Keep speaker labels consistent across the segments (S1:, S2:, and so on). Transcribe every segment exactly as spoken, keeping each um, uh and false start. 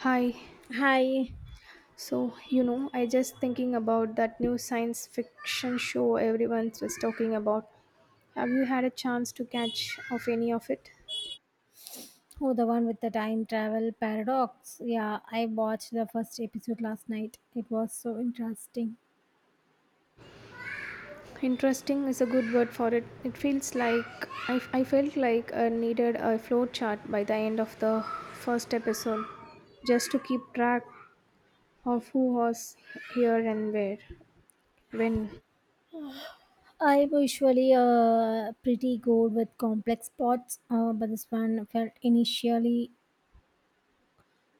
S1: Hi.
S2: Hi.
S1: So, you know, I just thinking about that new science fiction show everyone was talking about. Have you had a chance to catch of any of it?
S2: Oh, the one with the time travel paradox. Yeah, I watched the first episode last night. It was so interesting.
S1: Interesting is a good word for it. It feels like I, I felt like I needed a flow chart by the end of the first episode just to keep track of who was here and where. When
S2: I'm usually uh, pretty good with complex plots, uh, but this one felt initially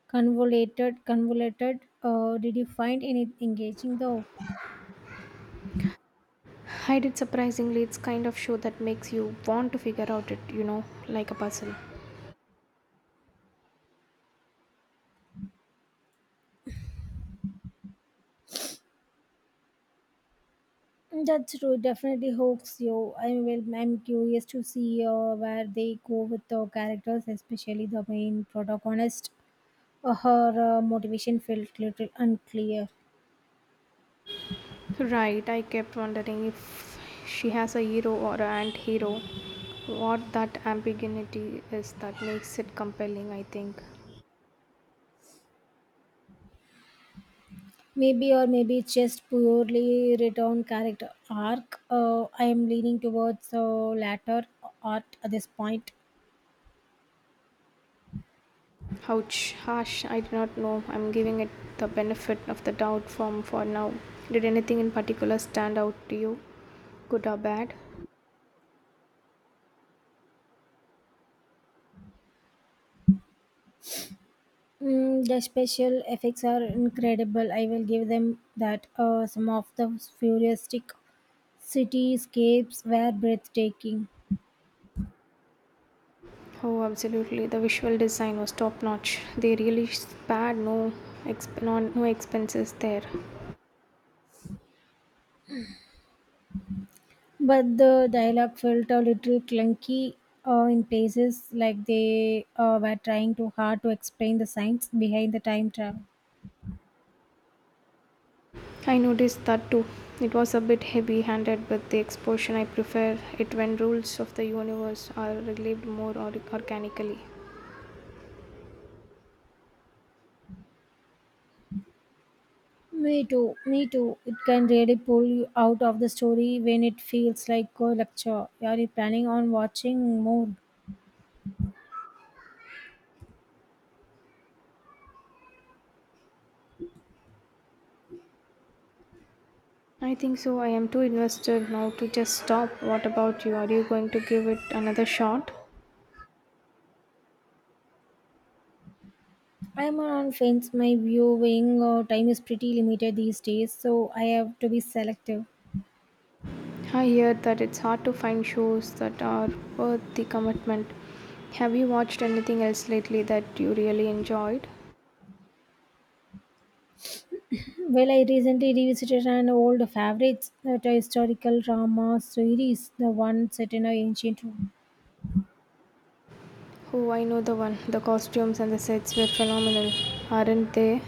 S2: convoluted. Convoluted. Uh, did you find any engaging though?
S1: I did surprisingly, it's kind of show that makes you want to figure out it, you know, like a puzzle.
S2: That's true. Definitely hooks you. I will. I'm curious to see uh, where they go with the characters, especially the main protagonist. Uh, her uh, motivation felt little unclear.
S1: Right, I kept wondering if she has a hero or an anti-hero. What that ambiguity is that makes it compelling, I think.
S2: Maybe, or maybe it's just purely written character arc. Uh, I am leaning towards the latter art at this point.
S1: Ouch, harsh, I do not know. I'm giving it the benefit of the doubt from for now. Did anything in particular stand out to you? Good or bad?
S2: Mm, the special effects are incredible. I will give them that. Uh, some of the futuristic cityscapes were breathtaking,
S1: Oh, absolutely. The visual design was top notch. They really spared no, exp- no, no expenses there.
S2: but the dialogue felt a little clunky uh, in places, like they uh, were trying too hard to explain the science behind the time travel.
S1: I noticed that too. It was a bit heavy handed with the exposition. I prefer it when rules of the universe are relieved more or- organically.
S2: Me too, me too. It can really pull you out of the story when it feels like a lecture. Are you planning on watching more?
S1: I think so. I am too invested now to just stop. What about you? Are you going to give it another shot?
S2: I'm on fence. My viewing uh, time is pretty limited these days, so I have to be selective.
S1: I hear that it's hard to find shows that are worth the commitment. Have you watched anything else lately that you really enjoyed?
S2: Well, I recently revisited an old favorite, that a historical drama series, the one set in an ancient Rome.
S1: Oh, I know the one. The costumes and the sets were phenomenal, aren't they?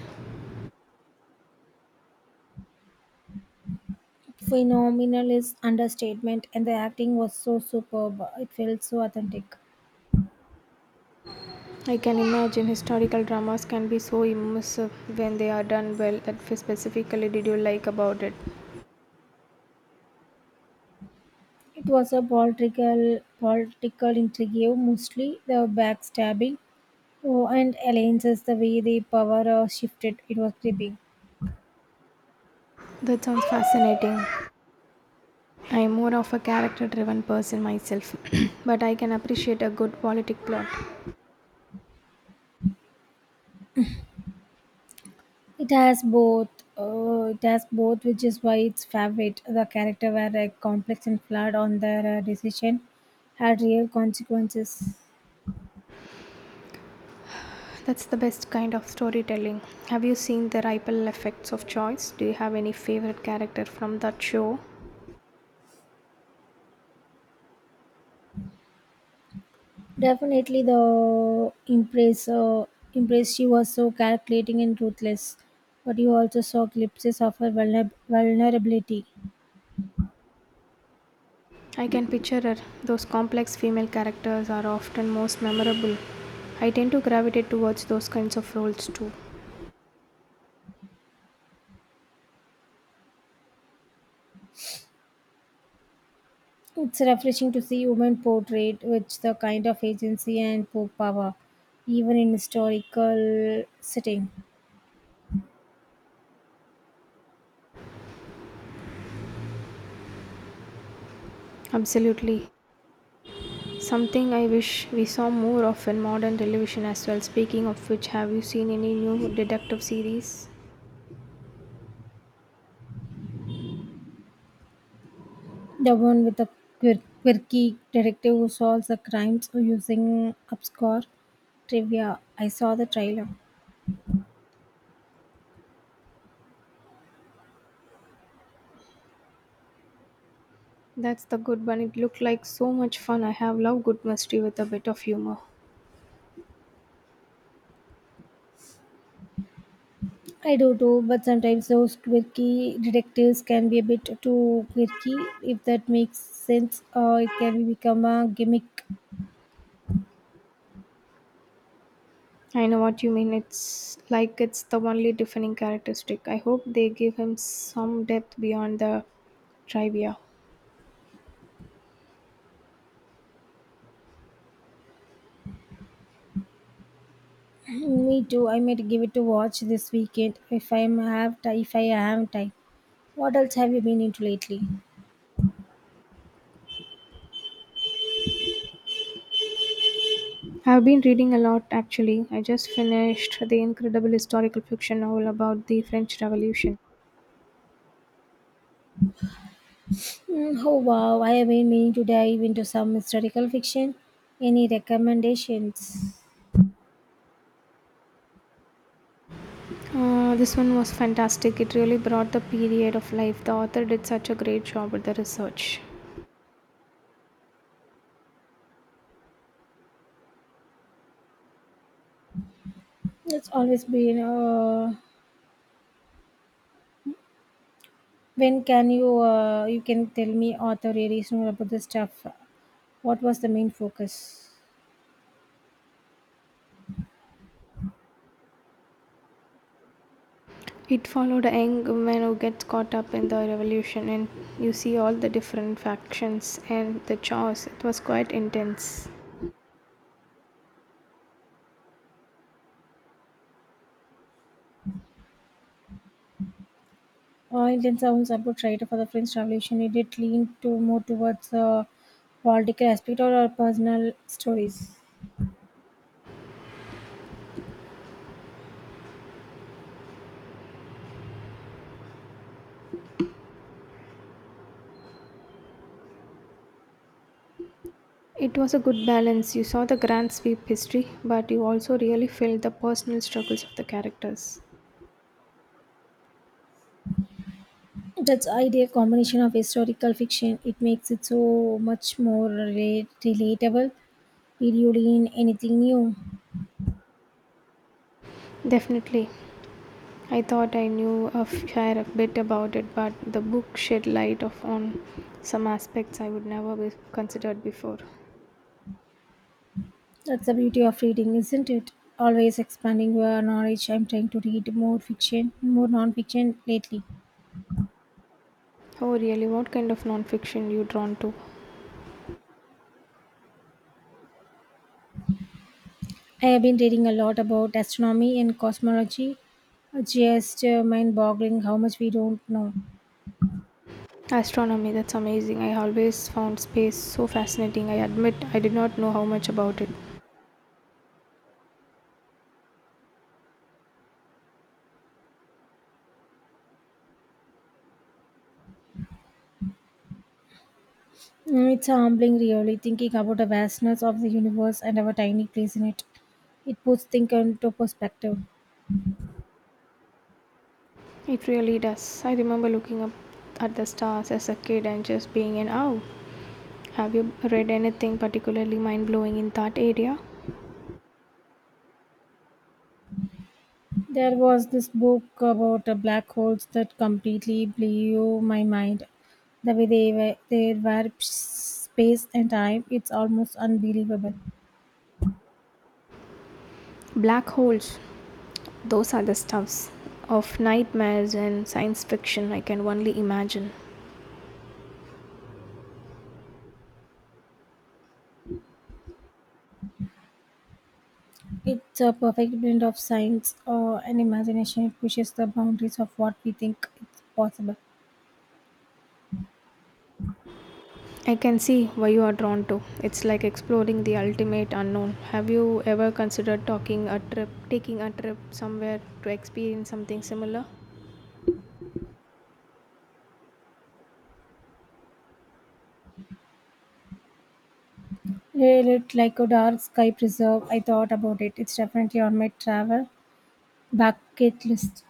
S2: Phenomenal is understatement, and the acting was so superb. It felt so authentic.
S1: I can imagine historical dramas can be so immersive when they are done well. That specifically did you like about it?
S2: It was a political political intrigue, mostly the backstabbing oh, and alliances, the way the power uh, shifted. It was gripping.
S1: That sounds fascinating. I'm more of a character driven person myself, but I can appreciate a good politic plot.
S2: It has both. Uh, it has both, which is why it's favorite. The character were uh, complex and flawed on their uh, decision, had real consequences.
S1: That's the best kind of storytelling. Have you seen the ripple effects of choice? Do you have any favorite character from that show?
S2: Definitely, the empress, uh, empress, she was so calculating and ruthless, but you also saw glimpses of her vulner- vulnerability.
S1: I can picture her. Those complex female characters are often most memorable. I tend to gravitate towards those kinds of roles too.
S2: It's refreshing to see women portrayed with the kind of agency and po- power, even in historical setting.
S1: Absolutely. Something I wish we saw more of in modern television as well. Speaking of which, have you seen any new detective series?
S2: The one with the quir- quirky detective who solves the crimes using obscure trivia. I saw the trailer.
S1: That's the good one. It looked like so much fun. I have loved good mystery with a bit of humor.
S2: I do too, but sometimes those quirky detectives can be a bit too quirky. If that makes sense, or it can become a gimmick.
S1: I know what you mean. It's like it's the only defining characteristic. I hope they give him some depth beyond the trivia.
S2: Me too. I might give it a watch this weekend if I am have ti- if I am time. What else have you been into lately?
S1: I've been reading a lot actually. I just finished the incredible historical fiction novel about the French Revolution.
S2: Mm, oh wow, I have been meaning to dive into some historical fiction. Any recommendations?
S1: Uh, this one was fantastic. It really brought the period of life. The author did such a great job with the research.
S2: It's always been. Uh, when can you uh, you can tell me author areas more about the stuff? What was the main focus?
S1: It followed a young woman who gets caught up in the revolution, and you see all the different factions and the chaos. It was quite intense.
S2: Uh, Indian sounds about writer for the French Revolution. It did lean to more towards the political aspect or our personal stories.
S1: It was a good balance. You saw the grand sweep history, but you also really felt the personal struggles of the characters.
S2: That's ideal combination of historical fiction. It makes it so much more relate- relatable Did you learn anything new?
S1: Definitely. I thought I knew a fair bit about it, but the book shed light of on some aspects I would never be considered before.
S2: That's the beauty of reading, isn't it? Always expanding your knowledge. I'm trying to read more fiction, more non-fiction lately.
S1: Oh, really? What kind of nonfiction you drawn to?
S2: I have been reading a lot about astronomy and cosmology. Just uh, mind-boggling how much we don't know.
S1: Astronomy. That's amazing. I always found space so fascinating. I admit I did not know how much about it.
S2: Mm, it's humbling, really, thinking about the vastness of the universe and our tiny place in it. It puts things into perspective.
S1: It really does. I remember looking up at the stars as a kid and just being in awe. Have you read anything particularly mind blowing in that area?
S2: There was this book about uh, black holes that completely blew my mind. The way they were, they were space and time, it's almost unbelievable.
S1: Black holes. Those are the stuffs of nightmares and science fiction I can only imagine.
S2: It's a perfect blend of science uh, and imagination. It pushes the boundaries of what we think is possible.
S1: I can see why you are drawn to. It's like exploring the ultimate unknown. Have you ever considered talking a trip, taking a trip somewhere to experience something similar?
S2: It looked like a dark sky preserve. I thought about it. It's definitely on my travel bucket list.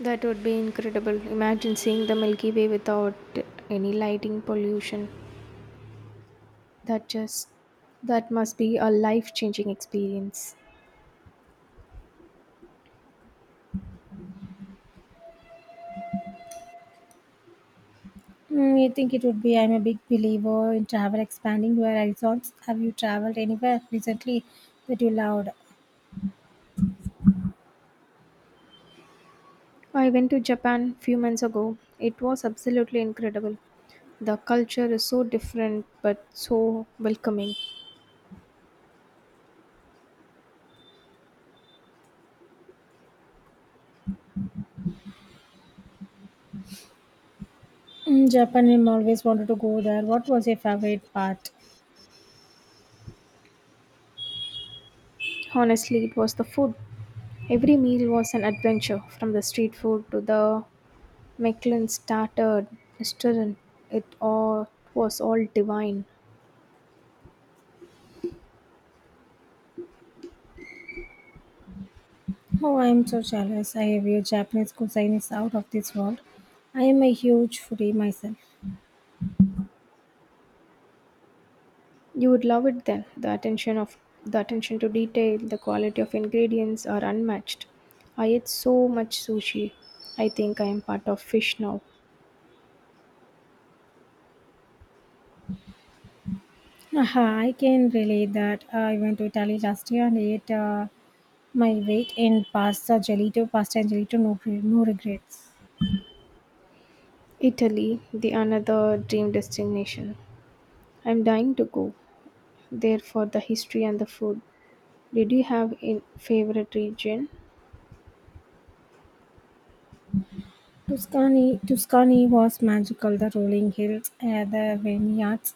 S1: That would be incredible. Imagine seeing the Milky Way without any lighting pollution. That just that must be a life-changing experience.
S2: Mm, you think it would be? I'm a big believer in travel expanding your horizons. Have you traveled anywhere recently that you loved?
S1: I went to Japan few months ago. It was absolutely incredible. The culture is so different but so welcoming.
S2: Mm, Japan, I'm always wanted to go there. What was your favorite part?
S1: Honestly, it was the food. Every meal was an adventure from the street food to the Michelin starter restaurant. It all Was all divine.
S2: Oh, I'm so jealous. I view Japanese cuisine is out of this world. I am a huge foodie myself.
S1: You would love it then. The attention of the attention to detail, the quality of ingredients are unmatched. I ate so much sushi. I think I am part of fish now.
S2: Aha, I can relate that. Uh, I went to Italy last year and ate uh, my weight in pasta, gelato, pasta and gelato, no, gre- no regrets.
S1: Italy, the another dream destination. I'm dying to go there for the history and the food. Did you have a favorite region?
S2: Tuscany Tuscany was magical: the rolling hills, eh, the vineyards,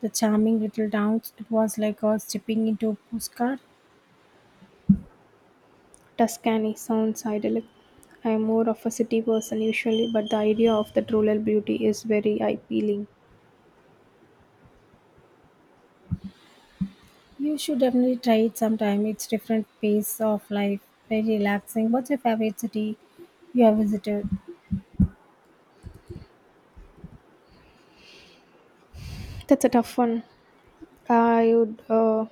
S2: the charming little towns. It was like uh, stepping into a postcard.
S1: Tuscany sounds idyllic. I'm more of a city person usually, but the idea of that rural beauty is very appealing.
S2: You should definitely try it sometime. It's different pace of life, very relaxing. What's your favorite city you have visited?
S1: That's a tough one. I would uh,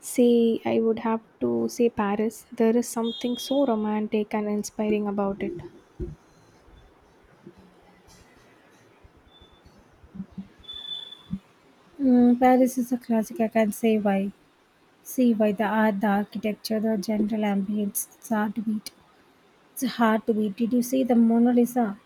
S1: say I would have to say Paris. There is something so romantic and inspiring about it.
S2: Mm, Paris is a classic. I can say why. See why the art, the architecture, the general ambience. It's hard to beat. It's hard to beat. Did you see the Mona Lisa?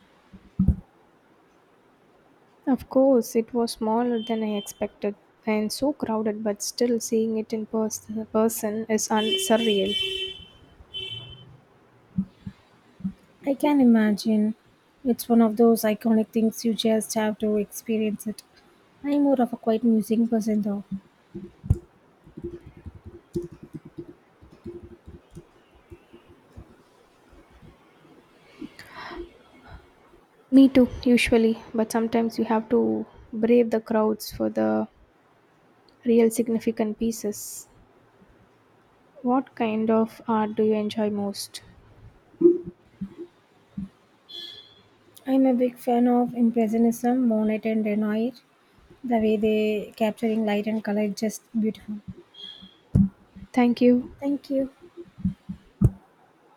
S1: Of course, it was smaller than I expected and so crowded, but still seeing it in pers- person is un- surreal.
S2: I can imagine. It's one of those iconic things you just have to experience it. I'm more of a quiet music person though.
S1: Me too, usually, but sometimes you have to brave the crowds for the real significant pieces. What kind of art do you enjoy most?
S2: I'm a big fan of Impressionism, Monet and Renoir. The way they capturing light and color is just beautiful.
S1: Thank you.
S2: Thank you.